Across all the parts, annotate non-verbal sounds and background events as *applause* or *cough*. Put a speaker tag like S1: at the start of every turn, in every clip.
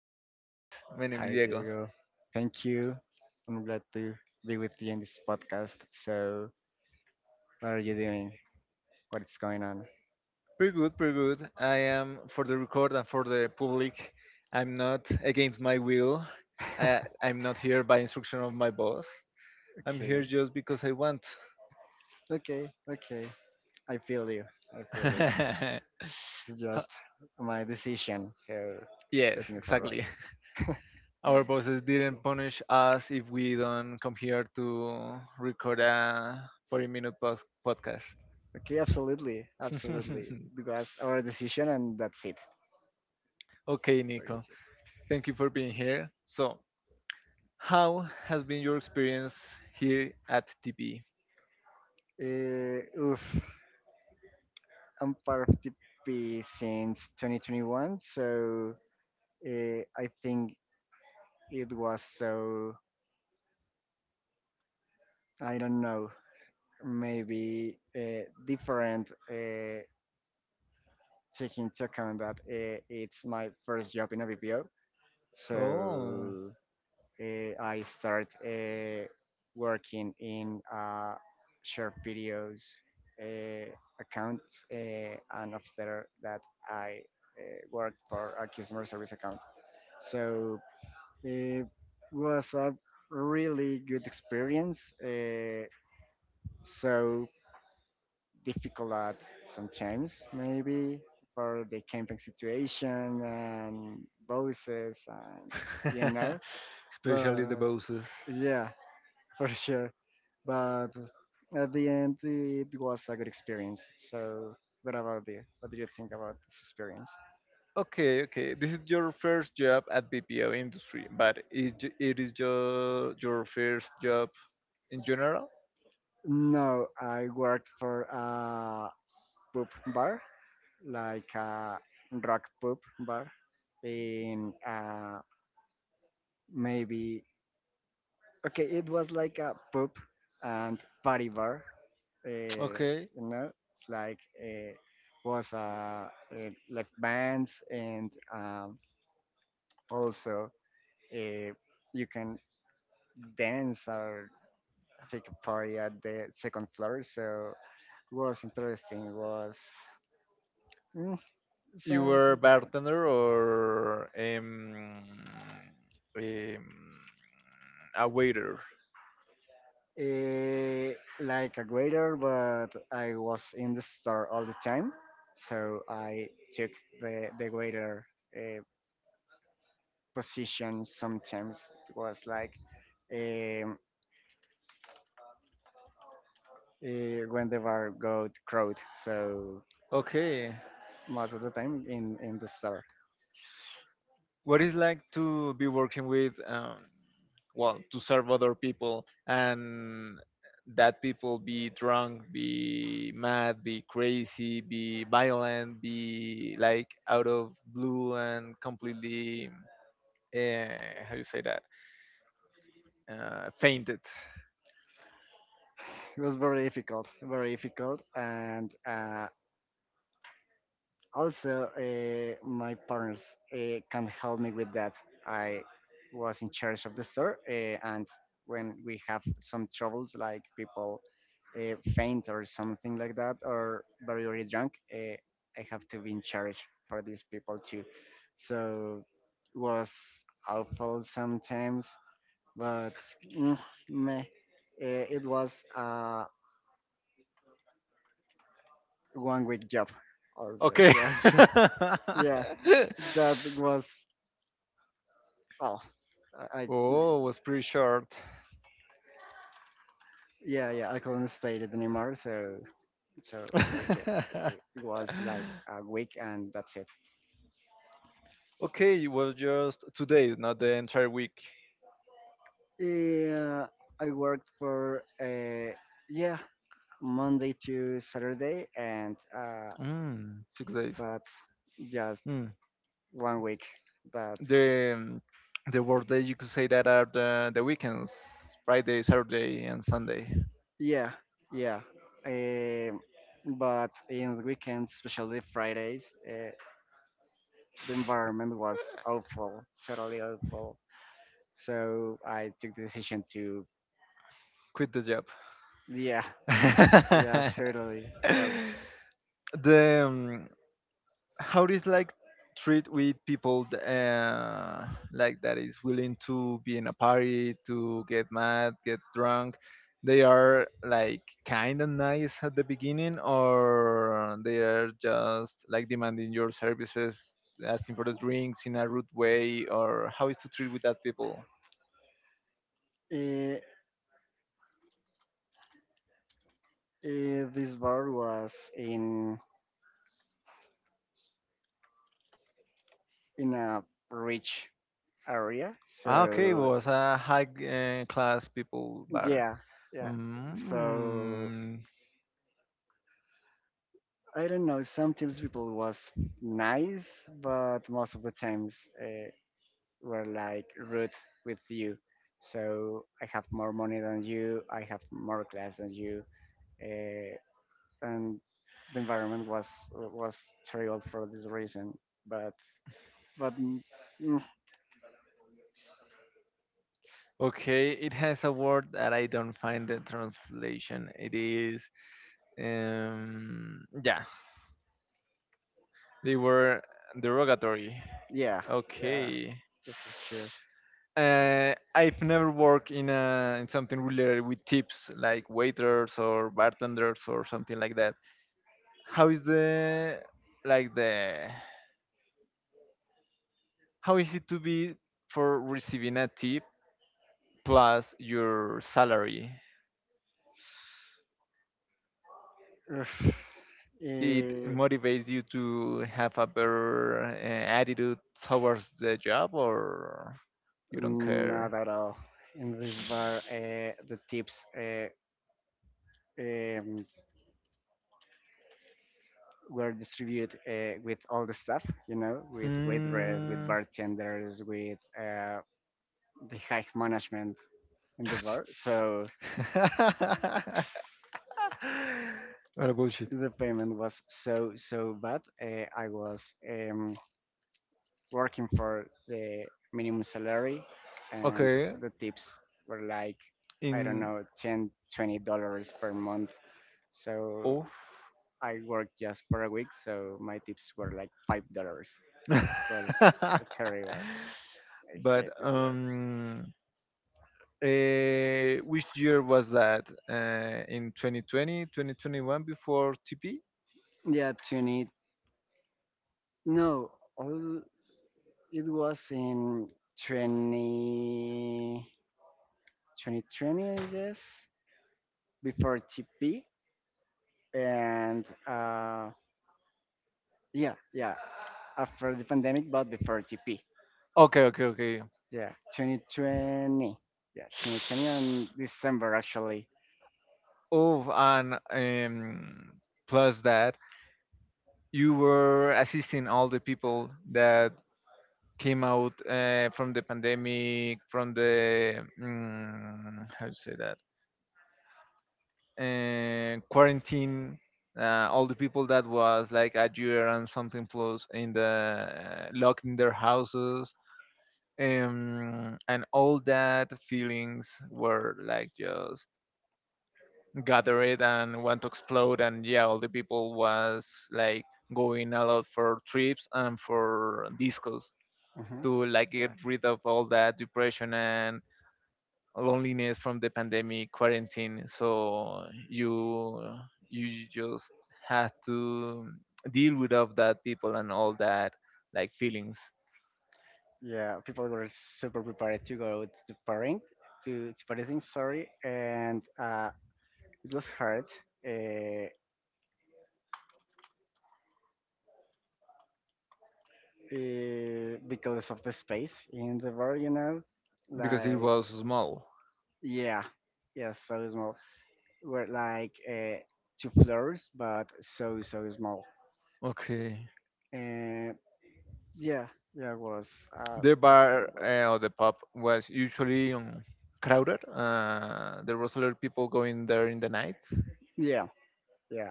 S1: podcast. My name is
S2: Hi,
S1: Diego.
S2: Diego. Thank you. I'm glad to be with you in this podcast. So, what are you doing? What is going on?
S1: Pretty good, pretty good. I am, for the record and for the public, I'm not against my will. I'm
S2: *laughs*
S1: not here by instruction of my boss. I'm
S2: Okay.
S1: here just because I want. *laughs*
S2: Okay. Okay. I feel you. I feel you. *laughs*
S1: Huh,
S2: It's just my decision. So,
S1: yes,
S2: everything is alright.
S1: exactly. Our bosses
S2: Okay.
S1: didn't punish us if we don't come here to record a 40 minute podcast.
S2: Okay, absolutely, absolutely. Because our decision and that's it.
S1: *laughs* Okay,
S2: *laughs* Very
S1: Nico.
S2: easy.
S1: Thank you for being here. So, how has been your experience here at TP?
S2: Oof. I'm part of the P since 2021, so I think it was so I don't know maybe different taking into account that it's my first job in a BPO,
S1: Oh,
S2: so I start working in short videos uh, account, and after that I worked for a customer service account. So it was a really good experience. So difficult at sometimes, maybe for the camping situation and bosses and you know.
S1: *laughs* especially the
S2: But
S1: bosses.
S2: yeah, *laughs* for sure. But at the end, it was a good experience. So what about you? What do you think about this experience?
S1: Okay, okay. This is your first job at BPO industry, but it is your first job in general.
S2: No, I worked for a pub bar like a rock pub bar in maybe, okay, it was like a pub and party bar, okay.
S1: Okay,
S2: You know it's like was like bands and also uh, you can dance or take a party at the second floor, so it was interesting, it was mm,
S1: you
S2: something
S1: were a
S2: different.
S1: bartender or um, a waiter.
S2: Eh, like a waiter, but I was in the store all the time, so I took the waiter uh, position. Sometimes it was like um, when the bar got crowd, so
S1: Okay,
S2: most of the time in the store.
S1: what is like to be working with well to serve other people and that people be drunk, be mad, be crazy, be violent, be like out of blue and completely uh, how you say that, fainted.
S2: It was very difficult, and also my partners can help me with that. I was in charge of the store, and when we have some troubles like people faint or something like that or very very drunk, I have to be in charge for these people too, so was awful sometimes but mm, meh, it was a 1 week job also,
S1: Okay.
S2: yes. *laughs* *laughs* Yeah,
S1: *laughs*
S2: that was, well, I
S1: Oh, was pretty short. *laughs*
S2: yeah, yeah, I couldn't stay it anymore. So it it was like a week and that's it.
S1: Okay, it was just 2 days, not the entire week.
S2: Yeah, I worked for yeah Monday to Saturday and
S1: Mm, 6 days.
S2: but just
S1: Mm.
S2: 1 week. But
S1: The um, the work days you could say that are the weekends, Friday, Saturday, and Sunday.
S2: yeah, yeah. Um, but in the weekends, especially Fridays, the environment was awful, totally awful. So I took the decision to,
S1: Quit the job.
S2: yeah, yeah, totally
S1: *laughs*
S2: was.
S1: the how is like treat with people like that is willing to be in a party to get mad, get drunk. They are like kind of nice at the beginning, or they are just like demanding your services, asking for the drinks in a rude way? Or how is to treat with that people?
S2: eh, this bar was in a rich area,
S1: Ah, okay,
S2: so
S1: was a high class people bar.
S2: yeah, yeah. So
S1: Mm.
S2: I don't know. Sometimes people was nice, but most of the times were like rude with you. So I have more money than you. I have more class than you. Uh, and the environment was terrible for this reason. But but mm,
S1: Okay, it has a word that I don't find the translation. It is yeah, they were derogatory.
S2: yeah, yeah,
S1: Okay.
S2: for sure.
S1: I've never worked in a in something related with tips like waiters or bartenders or something like that. How is the like the how is it to be for receiving a tip plus your salary?
S2: Ugh.
S1: It
S2: Eh,
S1: motivates you to have a better attitude towards the job, or you don't care?
S2: not at all. In this bar, the tips, um, were distributed with all the staff, you know, with waitress, with
S1: Mm.
S2: bartenders, with the high management in the bar. So
S1: *laughs* What a bullshit.
S2: the payment was so so bad. I was working for the minimum salary, and
S1: Okay.
S2: the tips were like, I don't
S1: In.
S2: know, $10, $20 per month, so
S1: Oh.
S2: I worked just for a week, so my tips were like $5. It was *laughs* terrible.
S1: *laughs*
S2: I
S1: But
S2: hate this work.
S1: eh, which year was that, in 2020, 2021, before TP?
S2: yeah 20 no all It was in twenty twenty twenty, I guess, before TP and yeah, yeah, after the pandemic, but before TP.
S1: Okay, okay, okay.
S2: Yeah, 2020. Yeah, 2020 on December actually.
S1: Oh, and plus that, you were assisting all the people that came out from the pandemic, from the how to say that, quarantine. Uh, all the people that was like a year and something plus in the locked in their houses, and all that feelings were like just gathered and want to explode. And yeah, all the people was like going a lot for trips and for discos,
S2: Mhm.
S1: to like
S2: Yeah.
S1: get rid of all that depression and loneliness from the pandemic quarantine. So you just have to deal with all that people and all that like feelings.
S2: Yeah, people were super prepared to go to partying, to partying, sorry, and it was hard uh, because of the space in the bar, you know,
S1: Because it
S2: like
S1: was small.
S2: yeah, yeah, so small. We're like two floors, but so so small.
S1: Okay.
S2: And yeah, yeah, it was
S1: The
S2: difficult
S1: bar,
S2: one.
S1: or the pub, was usually crowded. Uh, there was a lot of people going there in the nights.
S2: Yeah, yeah,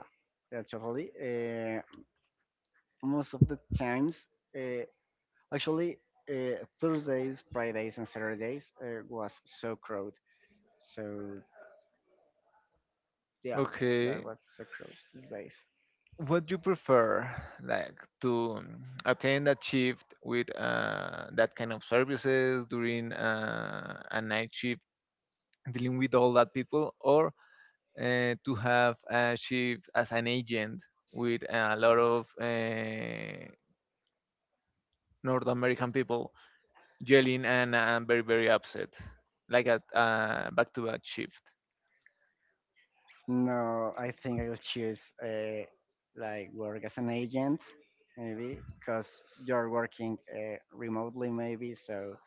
S2: yeah, totally. Most of the times, uh, actually, Thursdays, Fridays, and Saturdays was so crowded. So yeah, yeah, it
S1: Okay.
S2: was so crowded these days.
S1: Would you prefer, like, to attend a shift with that kind of services during a night shift, dealing with all that people? Or to have a shift as an agent with a lot of North American people yelling and very, very upset, like a back-to-back shift?
S2: No, I think I'll choose like work as an agent, maybe, because you're working remotely, maybe, so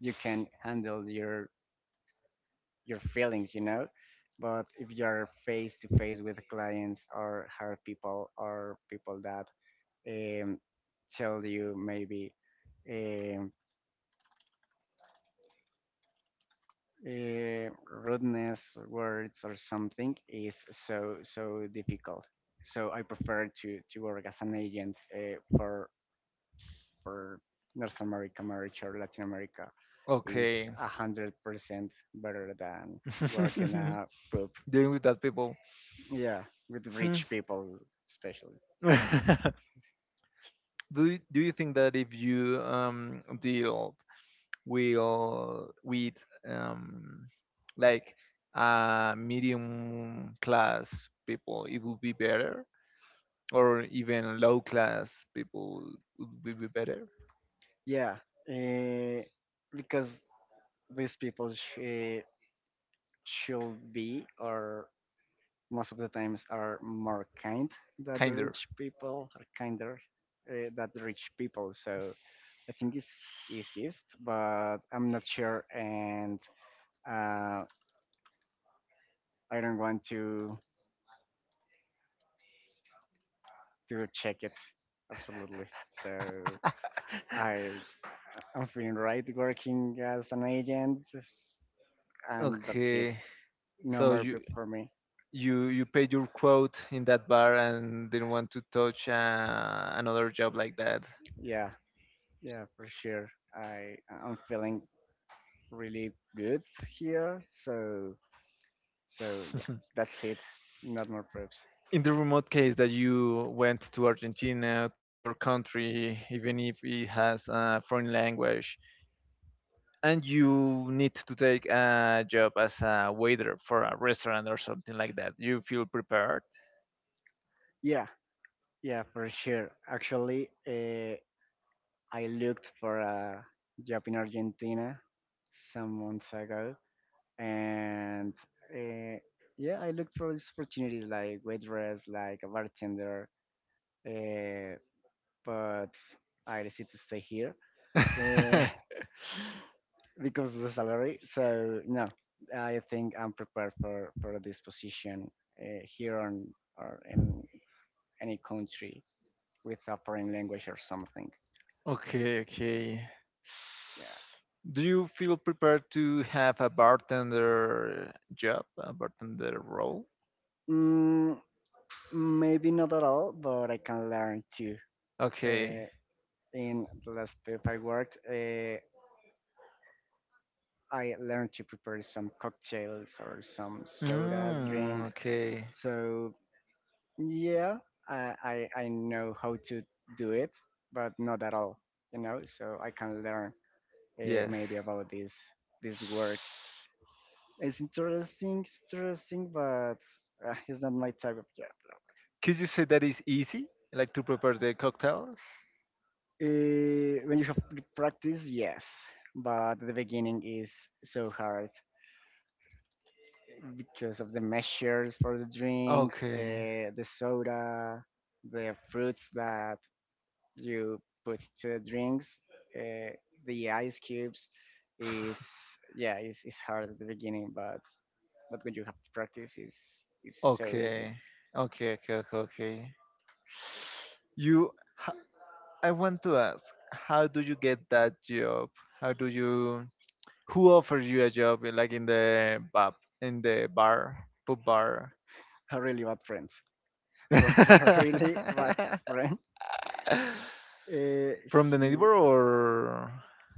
S2: you can handle your feelings, you know. But if you're face to face with clients or hard people or people that um, tell you maybe um, uh, rudeness words or something is so so difficult. So I prefer to work as an agent for North America marriage or Latin America is
S1: Okay.
S2: 100% better than *laughs* working
S1: *laughs*
S2: a pub,
S1: Dealing with that people.
S2: yeah, with
S1: Hmm.
S2: rich people especially.
S1: *laughs* Do you, do you think that if you deal will with um like medium class people it would be better? Or even low class people would be better?
S2: Yeah, eh, because these people should be, or most of the times are more kind than the
S1: Kinder.
S2: rich people, are kinder than the rich people. So I think it's easiest, but I'm not sure, and uh, I don't want to check it absolutely. So I I'm feeling right working as an agent, and that's it.
S1: Okay.
S2: No
S1: So
S2: more
S1: you
S2: prep for me.
S1: you you paid your quote in that bar and didn't want to touch another job like that?
S2: Yeah, yeah, for sure. I I'm feeling really good here. So so yeah, that's it. Not more preps.
S1: In the remote case that you went to Argentina, to other country, even if it has a foreign language, and you need to take a job as a waiter for a restaurant or something like that, you feel prepared?
S2: Yeah, yeah, for sure. Actually, I looked for a job in Argentina some months ago, and uh, yeah, I looked for this opportunity like waitress, like a bartender, uh, but I decided to stay here. Uh,
S1: *laughs*
S2: because of the salary. So no, I think I'm prepared for this position here on or in any country with a foreign language or something.
S1: Okay, okay.
S2: Yeah,
S1: Do you feel prepared to have a bartender job, a bartender role?
S2: mm, maybe not at all, but I can learn too.
S1: Okay.
S2: Uh, in the last pub I worked, I learned to prepare some cocktails or some sodas,
S1: Mm,
S2: drinks.
S1: okay.
S2: So yeah, I I know how to do it, but not at all, you know. So I can learn
S1: Yes.
S2: maybe about this work. It's interesting, but it's not my type of job.
S1: Could you say that is easy, like to prepare the cocktails?
S2: When you have practice, yes, but the beginning is so hard because of the measures for the drinks,
S1: Okay.
S2: the soda, the fruits that you put to the drinks, uh, the ice cubes is yeah it's hard at the beginning, but when you have to practice, it's so easy.
S1: Okay. Okay. Okay. Okay. Okay. You. H-. I want to ask, how do you get that job? How do you? Who offers you a job, eh, like in the pub, in the bar, pub bar?
S2: A really bad friend. *laughs* Was a really bad friend.
S1: *laughs*
S2: uh,
S1: From the neighbor or?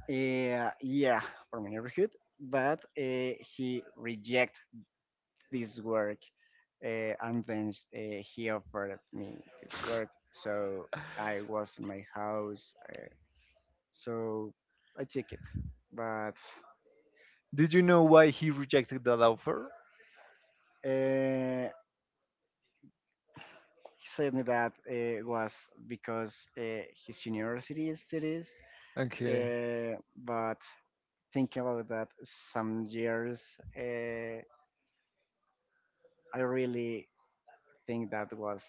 S2: he, yeah, from my neighborhood, but he rejected this work and then he offered me this work, so I was in my house. So I took it. But
S1: Did you know why he rejected that offer?
S2: uh, he said me that it was because his university studies.
S1: Okay.
S2: Uh, but thinking about that, some years, I really think that was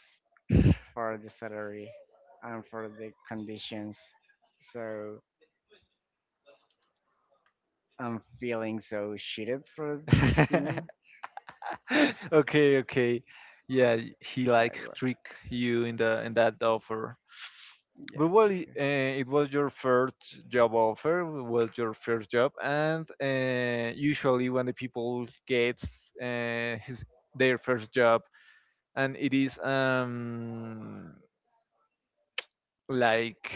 S2: for the salary and for the conditions. So I'm feeling so cheated for him.
S1: *laughs* Okay, okay. Yeah, he
S2: Uh,
S1: like
S2: it was-
S1: trick you in the in that offer.
S2: yeah.
S1: But well, it, it
S2: Okay.
S1: was your first job offer, it was your first job, and usually when the people gets his their first job, and it is like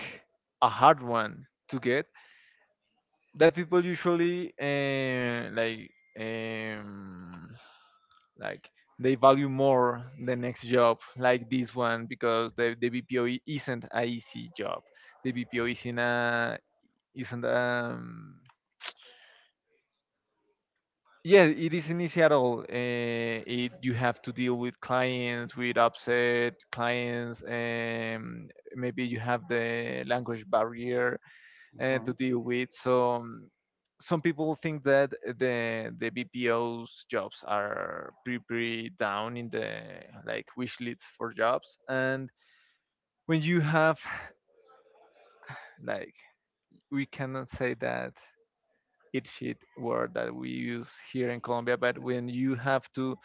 S1: a hard one to get, that people usually um, like they value more the next job like this one, because the BPO isn't a easy job. The BPO isn't a isn't yeah, it isn't easy at all. It, you have to deal with clients, with upset clients. Maybe you have the language barrier
S2: Mhm.
S1: to deal with. So some people think that the BPO's jobs are pretty pretty down in the like wish lists for jobs, and when you have like we cannot say that it shit word that we use here in Colombia, but when you
S2: Yeah.
S1: have to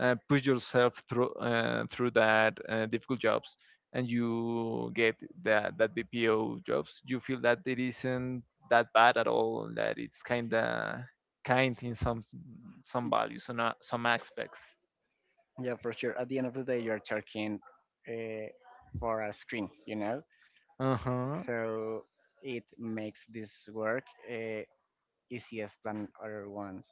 S1: push yourself through through that difficult jobs, and you get that that BPO jobs, you feel that it isn't that bad at all. That it's kinda kind in some values, some aspects.
S2: What. Yeah, for sure. At the end of the day, you're charging uh, for a screen, you know?
S1: Uh
S2: So it makes this work easiest than other ones.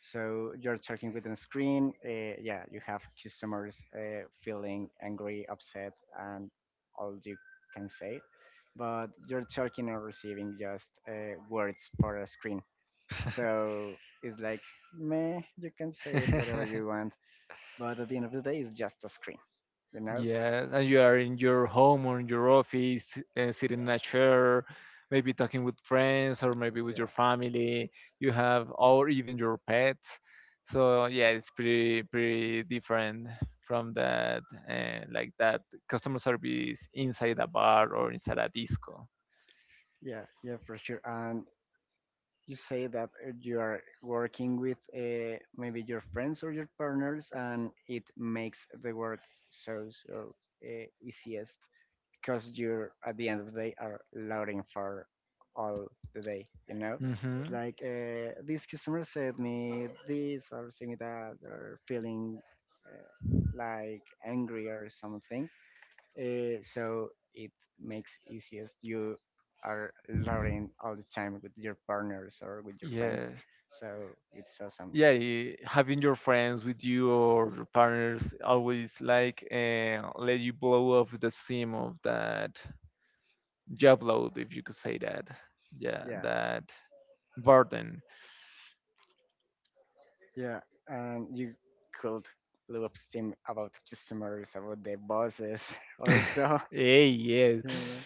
S2: So you're talking with a screen. Yeah, you have customers feeling angry, upset, and all you can say. But you're talking or receiving just words for a screen. So it's like, meh, you can say it whatever
S1: huh. *laughs*
S2: you want. But at the end of the day, it's just a screen, you know?
S1: Yes, and you are in your home or in your office, sitting in a chair, maybe talking with friends or maybe with your
S2: Yeah.
S1: family. You have, or even your pets. So yeah, it's pretty pretty different from that, like that customer service inside a bar or inside a disco.
S2: Yeah, yeah, for sure. And you say that you are working with maybe your friends or your partners and it makes the work so so easiest because you're at the end of the day are loading for all the day you know.
S1: Hmm.
S2: It's like this customer said me this or said me that or feeling uh, like angry or something, so it makes easiest. You are learning all the time with your partners or with your friends.
S1: Yeah.
S2: So it's awesome.
S1: Yeah, eh, having your friends with you or your partners always like let you blow off the steam of that job load, if you could say that. Yeah,
S2: Yeah,
S1: that burden.
S2: yeah, and you could blow up steam about customers, about the bosses, *laughs* also.
S1: Hey, yeah,
S2: Yeah.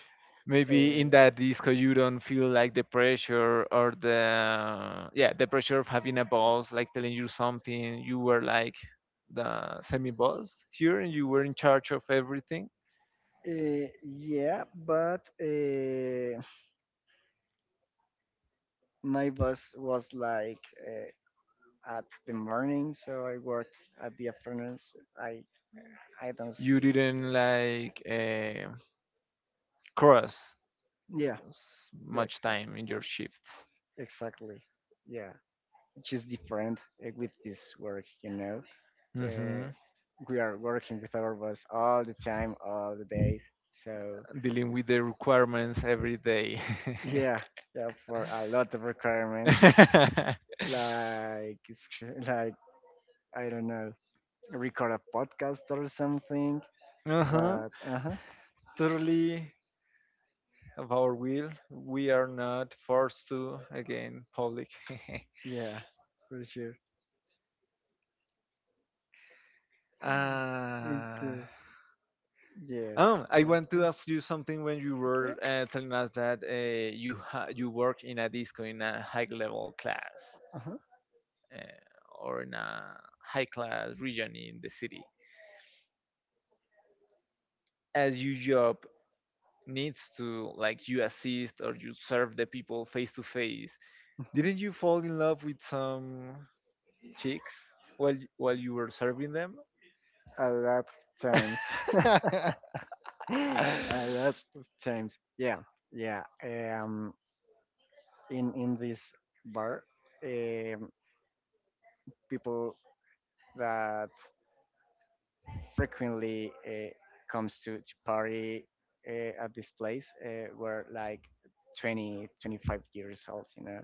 S1: maybe
S2: Uh,
S1: in that disco you don't feel like the pressure, or the yeah, the pressure of having a boss like telling you something. You were like the semi boss here, and you were in charge of everything.
S2: yeah, but my boss was like at the morning, so I worked at the afternoons. I I don't
S1: You
S2: see.
S1: didn't like cross
S2: Yeah, yeah,
S1: much
S2: exactly,
S1: time in your shifts.
S2: exactly. Yeah, which is different with this work, you know. Uh,
S1: Hmm.
S2: we are working with our boss all the time, all the days. So
S1: Dealing with the requirements every day.
S2: yeah, yeah, for a lot of requirements, *laughs*
S1: *laughs*
S2: like like I don't know, record a podcast or something.
S1: Uh-huh.
S2: But uh huh,
S1: Totally of our will. We are not forced to again public. *laughs*
S2: yeah, for sure. *laughs*
S1: Uh,
S2: Okay. Yes.
S1: oh, I want to ask you
S2: Yes.
S1: something. When you were telling us that you you work in a
S2: Okay.
S1: disco in a high level class
S2: Mhm,
S1: or in a high class region in the city. As your job needs to like you assist or you serve the people face to face,
S2: mhm.
S1: didn't you fall in love with some chicks while you were serving them?
S2: A lot of times. *laughs*
S1: *laughs*
S2: A lot of times. *laughs* Yeah, yeah. In this bar, um, people that frequently comes to party at this place were like 20, 25 years old, you know,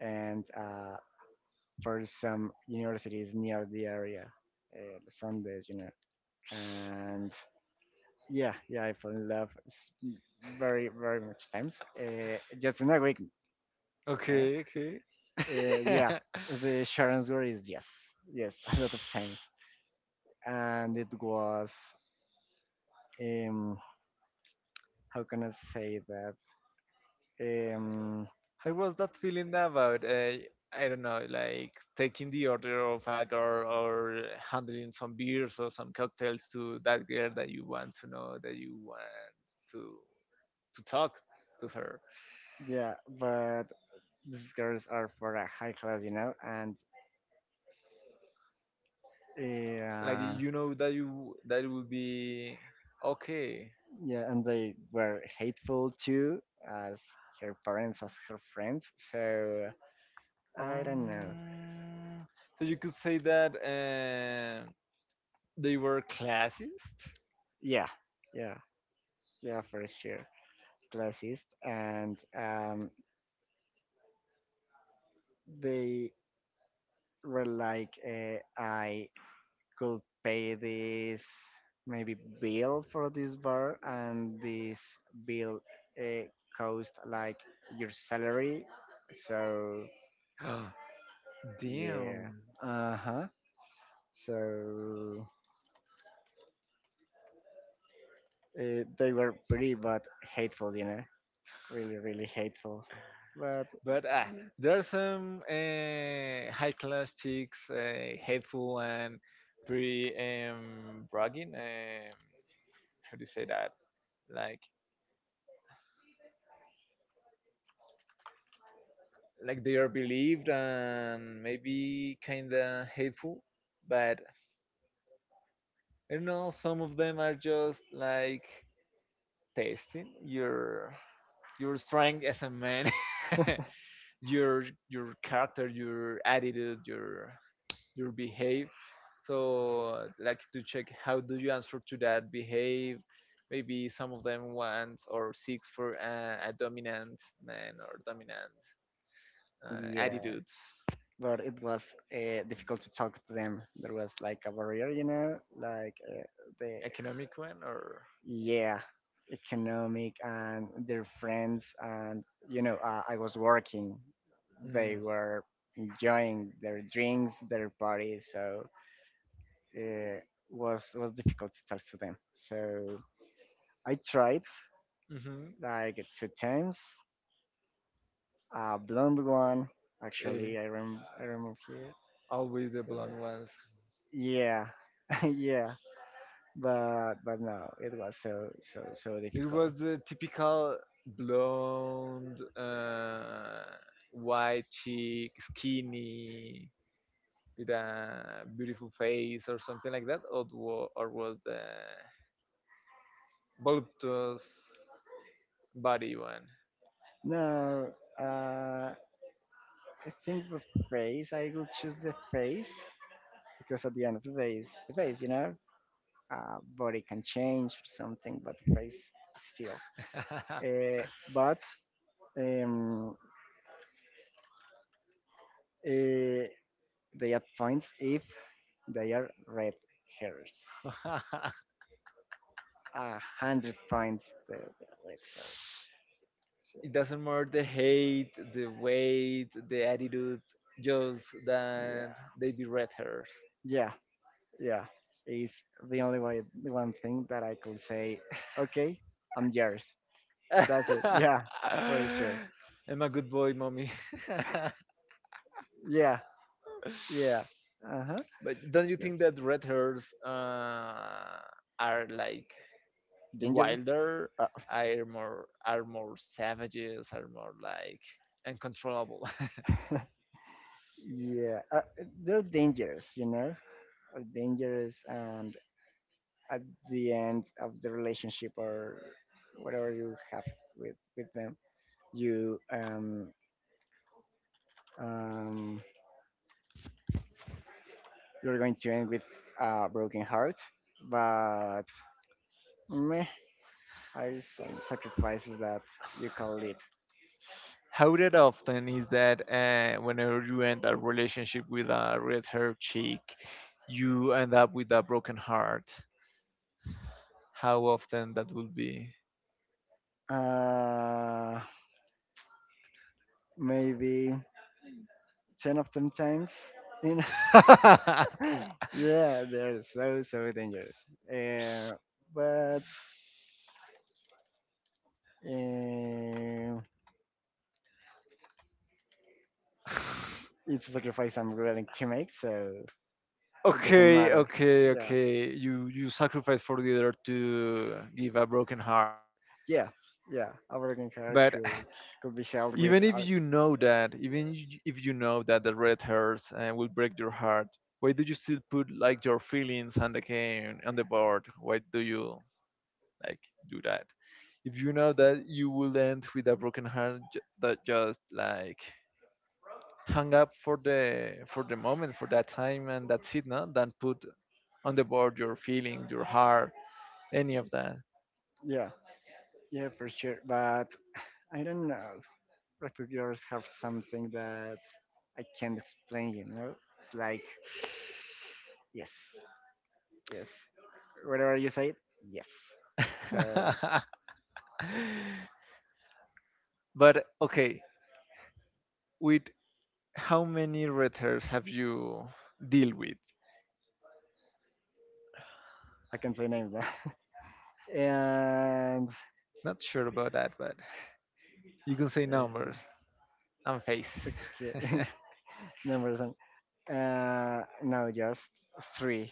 S2: and for some universities near the area, Sundays, you know, and yeah, yeah, I fell in love s- very, very much times. Just in a week. Huh?
S1: Okay, okay.
S2: Yeah, the Sharon's word is yes, yes, *laughs* a lot
S1: *laughs*
S2: of times. And it was, um, how can I say that? Um,
S1: How was that feeling about, I don't know, like taking the order of a girl or handling some beers or some cocktails to that girl that you want to know, that you want to to talk to her?
S2: yeah, but these girls are for a high class, you know, and
S1: Like
S2: uh,
S1: you know that you that it will be okay.
S2: yeah, and they were hateful too, as her parents, as her friends. So. I don't know.
S1: Um, so you could say that they were classist.
S2: Yeah, yeah, yeah, for sure. Classist, and they were like, I could pay this maybe bill for this bar, and this bill uh, cost like your salary. So
S1: *gasps*
S2: yeah,
S1: Damn.
S2: uh huh. So they were pretty but hateful, you know, really, really hateful. But
S1: But ah, there are some high class chicks, hateful and pretty bragging. How do you say that? Like, like they are believed and maybe kinda hateful. But I don't know. Some of them are just like testing your strength as a man, *laughs* your character, your attitude, your behave. So like to check how do you answer to that behave? Maybe some of them want or seeks for a dominant man, or dominant
S2: yeah.
S1: attitudes.
S2: But it was difficult to talk to them. There was like a barrier, you know, the
S1: Economic one, or
S2: yeah, economic and their friends, and I was working.
S1: mm,
S2: They were enjoying their drinks, their parties, so uh, was difficult to talk to them. So I tried
S1: hmm.
S2: like two times. A blonde one, actually. I remember. I remember here.
S1: Always the
S2: So
S1: blonde ones.
S2: yeah, *laughs* yeah. But no, it was so so so
S1: It
S2: difficult.
S1: was the typical blonde white cheek skinny, with a beautiful face or something like that? Or or was the voluptuous body one?
S2: No, uh, I think the face. I will choose the face because at the end of the day, it's the face. You know, body can change or something, but the face still. Uh,
S1: *laughs*
S2: but um, uh, they add points if they are red hairs. A hundred points if they are red hairs. So,
S1: It doesn't matter the height, the weight, the attitude, just that
S2: yeah.
S1: they be red hairs.
S2: Yeah, yeah. Is the only way, the one thing that I could say, okay, I'm yours. That's it. *laughs* Yeah,
S1: *laughs*
S2: for sure.
S1: I'm a good boy, mommy. *laughs*
S2: Yeah, yeah. Uh huh.
S1: But don't you
S2: Yes.
S1: think that red hairs are like
S2: Dangerous.
S1: wilder,
S2: Uh,
S1: are more savages, are more like uncontrollable? *laughs*
S2: *laughs* yeah, they're dangerous. You know, are dangerous, and at the end of the relationship or whatever you have with them, you um you're going to end with a broken heart. But meh, are some sacrifices that you can live.
S1: How that often is that whenever you end a relationship with a red haired chick, you end up with a broken heart? How often that will be?
S2: Uh, Maybe ten of them times. You know,
S1: *laughs*
S2: *laughs* yeah, they're so so dangerous. Uh, but uh, it's a sacrifice I'm willing to make, so it doesn't
S1: Okay,
S2: matter.
S1: okay,
S2: Yeah,
S1: okay. You sacrifice for the other to give a broken heart.
S2: yeah, yeah. A broken heart
S1: But
S2: could be held with.
S1: even if you know that, even if you know that the red hairs will break your heart, why do you still put like your feelings on the game, on the board? Why do you like do that? If you know that you will end with a broken heart, that just like hang up for the moment, for that time, and that's it. No, then put on the board your feeling, your heart, any of that.
S2: Yeah, yeah, for sure. But I don't know. Replicators have something that I can't explain, you know? It's like, yes, yes. Whatever you say, yes. So
S1: *laughs*
S2: okay.
S1: But okay, with how many red hairs have you deal with?
S2: I can say names. Huh? *laughs* and
S1: Not sure about that, but you can say
S2: uh,
S1: numbers and face. *laughs*
S2: okay, *laughs* numbers. No, just three,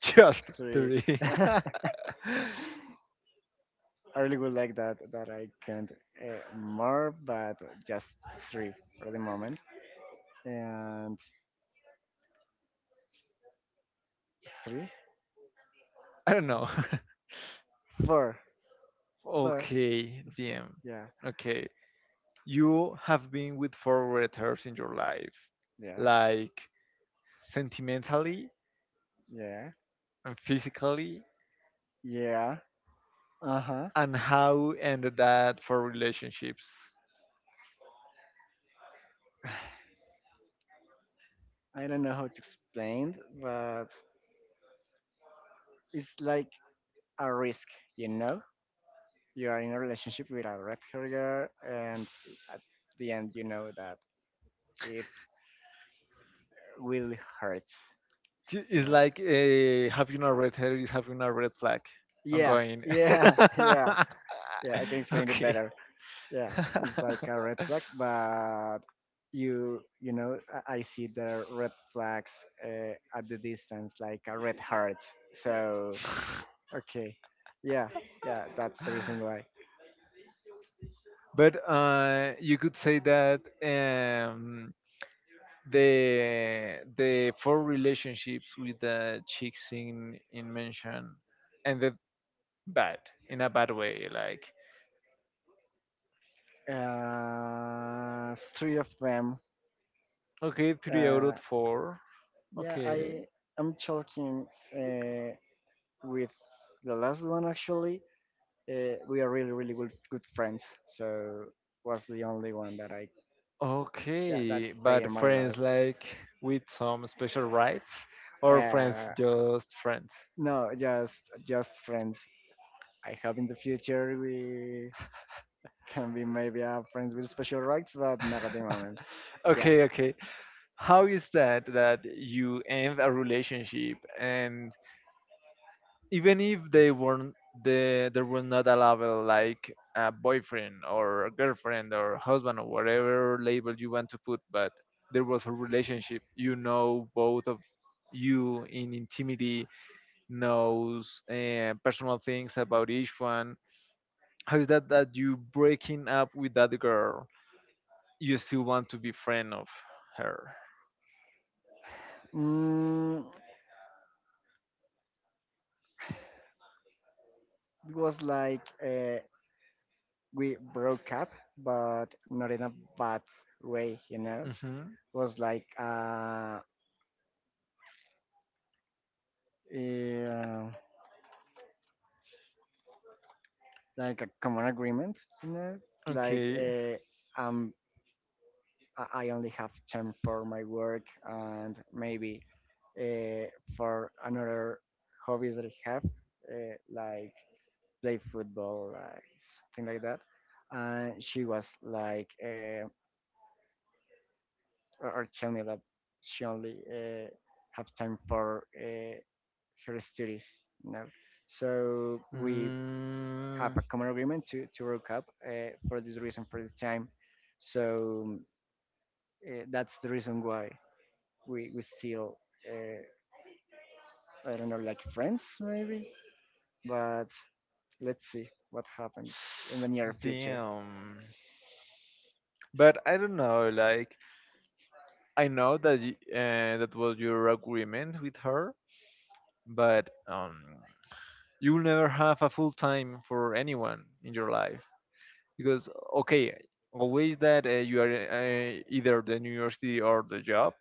S1: Just
S2: three.
S1: three.
S2: *laughs* I
S1: *laughs*
S2: really would like that I can more, but just three for the moment. And three,
S1: I don't know.
S2: four,
S1: *laughs*
S2: four.
S1: Okay,
S2: It's fun.
S1: DM.
S2: Yeah,
S1: Okay, you have been with four red hairs in your life,
S2: yeah,
S1: like sentimentally
S2: yeah,
S1: and physically,
S2: yeah. Uh huh.
S1: and how ended that for relationships?
S2: *sighs* I don't know how to explain, but it's like a risk, you know? You are in a relationship with a red carrier, and at the end, you know that it will hurt. You
S1: It's
S2: know?
S1: like, having a red hair is having a red flag
S2: Yeah,
S1: ongoing?
S2: yeah, *laughs* yeah, yeah. I can
S1: *laughs*
S2: explain it
S1: Okay.
S2: better. Yeah, it's like a
S1: *laughs*
S2: red flag but you know I see the red flags at the distance like a red heart. So okay, yeah, yeah, that's the reason why.
S1: But you could say that the four relationships with the chicks in mention ended bad in a bad way. Like
S2: Three of them.
S1: okay, three out
S2: uh
S1: of four.
S2: yeah
S1: Okay,
S2: I'm talking uh with the last one, actually. We are really really good friends, so was the only one that
S1: Okay,
S2: stay
S1: but
S2: in my
S1: friends
S2: life.
S1: like with some special rights or friends
S2: uh,
S1: just friends?
S2: No, just friends. I hope in the future we can be maybe friends with special rights, but not at the moment. Yeah.
S1: Okay, okay. How is that that you end a relationship and even if they weren't there were not a label like a boyfriend or a girlfriend or husband or whatever label you want to put, but there was a relationship, you know both of you in intimacy knows personal things about each one. How is that that you breaking up with that girl? You still want to be friend of her?
S2: Mm, it was like we broke up, but not in a bad way, you know. It
S1: Mm-hmm.
S2: was like yeah, like a common agreement, you know. It's like
S1: Okay.
S2: I'm I only have time for my work and maybe uh, for another hobbies that I have, like play football, like something like that. And she was like, or tell me that she only have time for her studies, you know. So we have
S1: Mm,
S2: a common agreement to work up for this reason, for the time. So that's the reason why. We still uh, I don't know, like friends maybe, but let's see what happens in the near future.
S1: damn. But I don't know. Like I know that y that was your agreement with her, but you'll never have a full time for anyone in your life, because okay, always that you are either the university or the job,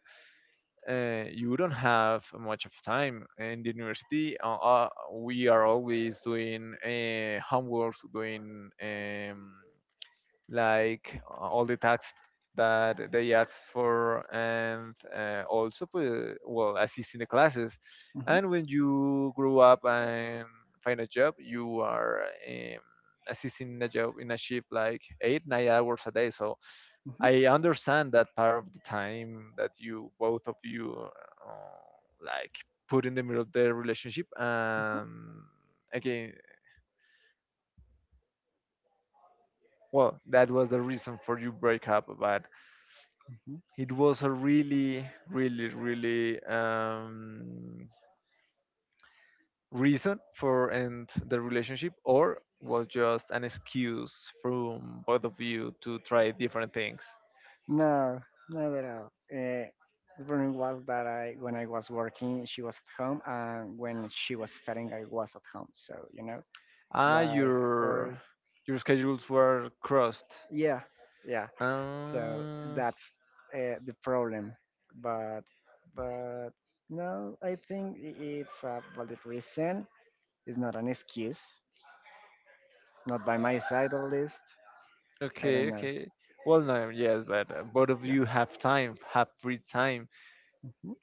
S1: you don't have much of time in the university, we are always doing homework, doing like all the tasks that they ask for, and also well, assisting the classes.
S2: Mhm,
S1: And when
S2: mhm,
S1: you grow up and find a job, you are um, assisting in a job in a shift like 8-9 hours a day. So I understand that part of the time that you both of you like put in the middle of their relationship. And again, well, that was the reason for you break up, but
S2: mhm.
S1: it was a really really really reason for end the relationship, or was just an excuse from both of you to try different things.
S2: No, not at all. Uh, the problem was that I when I was working, she was at home, and when she was studying, I was at home. So you know,
S1: Ah,
S2: like or
S1: your schedules were crossed.
S2: yeah, yeah. So
S1: um,
S2: that's the problem. But but no, I think it's a valid reason. It's not an excuse. Not by my side, at least. I don't
S1: okay,
S2: know.
S1: okay. Well, no, yes, but both of
S2: Yeah.
S1: you have time, have free time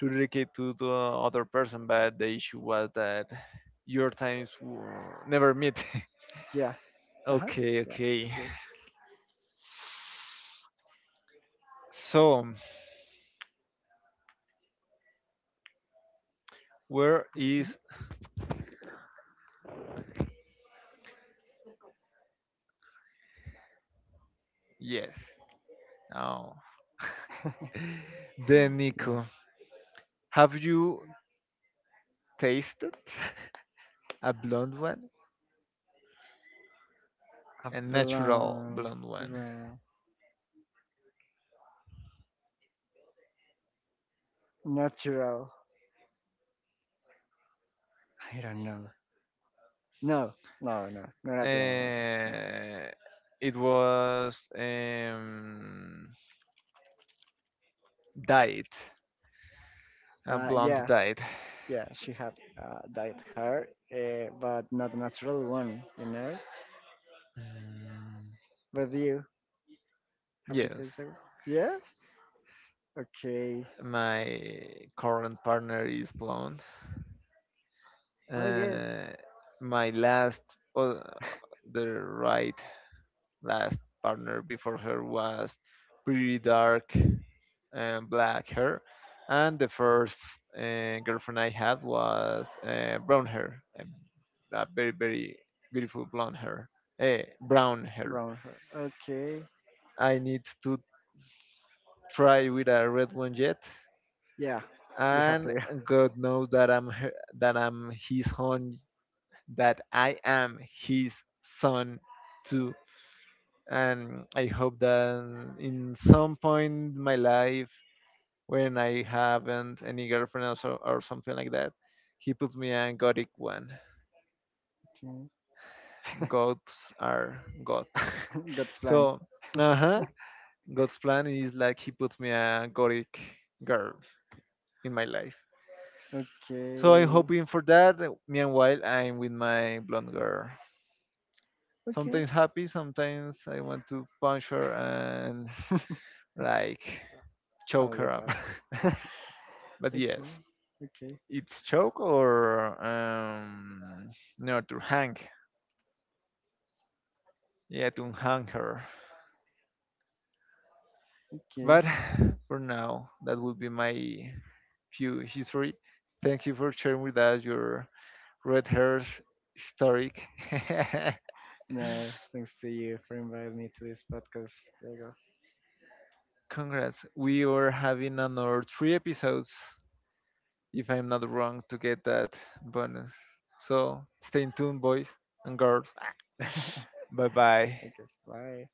S1: to dedicate to the other person, but the issue was that your times were never meet.
S2: Yeah.
S1: *laughs*
S2: Uh-huh.
S1: Okay,
S2: Yeah.
S1: okay.
S2: Too.
S1: So, where
S2: Mhm.
S1: is
S2: *laughs*
S1: yes? Oh, then
S2: Yeah.
S1: Nico, have you tasted *laughs* a blonde one,
S2: A
S1: a natural
S2: blonde,
S1: blonde one?
S2: brown, natural. I don't know. No, no, no, not at the moment. No.
S1: Uh, it was diet, a blonde
S2: Yeah,
S1: diet.
S2: yeah, she had dyed hair, but not a natural one, you know.
S1: Mm,
S2: But you, have you
S1: yes.
S2: tasted it? Yes. Okay.
S1: My current partner is blonde.
S2: Oh yes,
S1: Uh, my last, oh, the right last partner before her was pretty dark, black hair, and the first girlfriend I had was brown hair, a very very beautiful blonde hair, brown hair.
S2: brown hair. Okay.
S1: I need to try with a red one yet,
S2: Yeah, you have
S1: and
S2: to. Yeah.
S1: God knows that that I'm his own, that I am his son too. And I hope that in some point in my life, when I haven't any girlfriend or so, or something like that, he puts me a gothic one.
S2: Okay.
S1: Gods are God.
S2: *laughs* God's
S1: *laughs*
S2: plan.
S1: So, uh huh. God's plan is like he puts me a gothic girl in my life.
S2: Okay.
S1: So I'm hoping for that. Meanwhile, I'm with my blonde girl.
S2: Okay.
S1: Sometimes happy, sometimes I want to punch her and
S2: *laughs*
S1: like choke
S2: I'll
S1: her
S2: leave
S1: up. *laughs*
S2: out. *laughs*
S1: But
S2: Okay.
S1: yes,
S2: Okay.
S1: it's choke or no, to hang. Yeah, to hang her.
S2: Okay.
S1: But
S2: So,
S1: for now, that would be my few history. Thank you for sharing with us your red hairs historic. *laughs*
S2: no, thanks to you for inviting me to this podcast. There you go.
S1: Congrats. We are having another three episodes, if I'm not wrong, to get that bonus. So stay tuned, boys and girls. *laughs* Bye bye.
S2: *laughs* Okay, bye.